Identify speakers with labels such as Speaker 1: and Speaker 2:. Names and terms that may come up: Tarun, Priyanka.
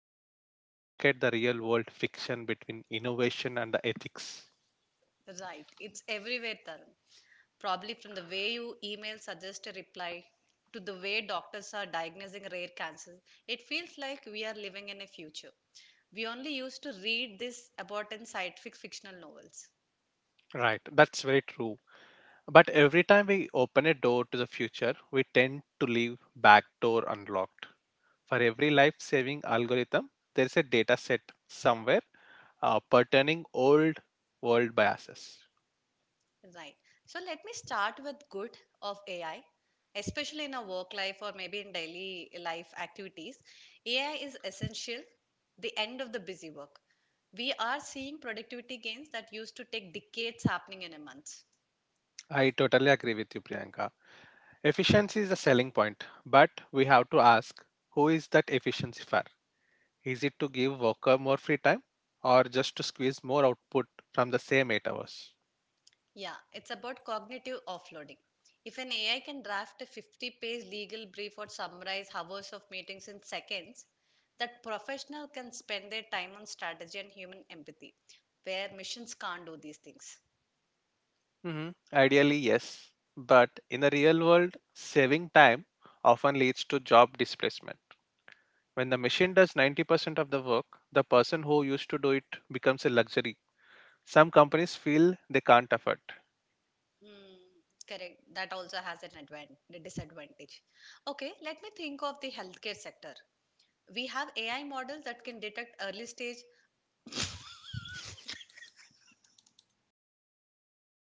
Speaker 1: the hype and look at the real world friction between innovation and the ethics.
Speaker 2: Right, it's everywhere Tarun. Probably from the way you email suggest a reply to the way doctors are diagnosing rare cancers, it feels like we are living in a future. We only used to read this about in scientific fictional novels.
Speaker 1: Right, that's very true. But every time we open a door to the future, we tend to leave back door unlocked. For every life saving algorithm, there's a data set somewhere pertaining old world biases.
Speaker 2: Right. So let me start with good of AI, especially in our work life or maybe in daily life activities. AI is essential, the end of the busy work. We are seeing productivity gains that used to take decades happening in a month.
Speaker 1: I totally agree with you, Priyanka. Efficiency is a selling point, but we have to ask, who is that efficiency for? Is it to give worker more free time or just to squeeze more output from the same 8 hours?
Speaker 2: Yeah, it's about cognitive offloading. If an AI can draft a 50-page legal brief or summarize hours of meetings in seconds, that professional can spend their time on strategy and human empathy, where machines can't do these things.
Speaker 1: Mhm. Ideally, yes. But in the real world, saving time often leads to job displacement. When the machine does 90% of the work, the person who used to do it becomes a luxury. Some companies feel they can't afford.
Speaker 2: Mm, correct. That also has an advantage, the disadvantage. Okay, let me think of the healthcare sector. We have AI models that can detect early stage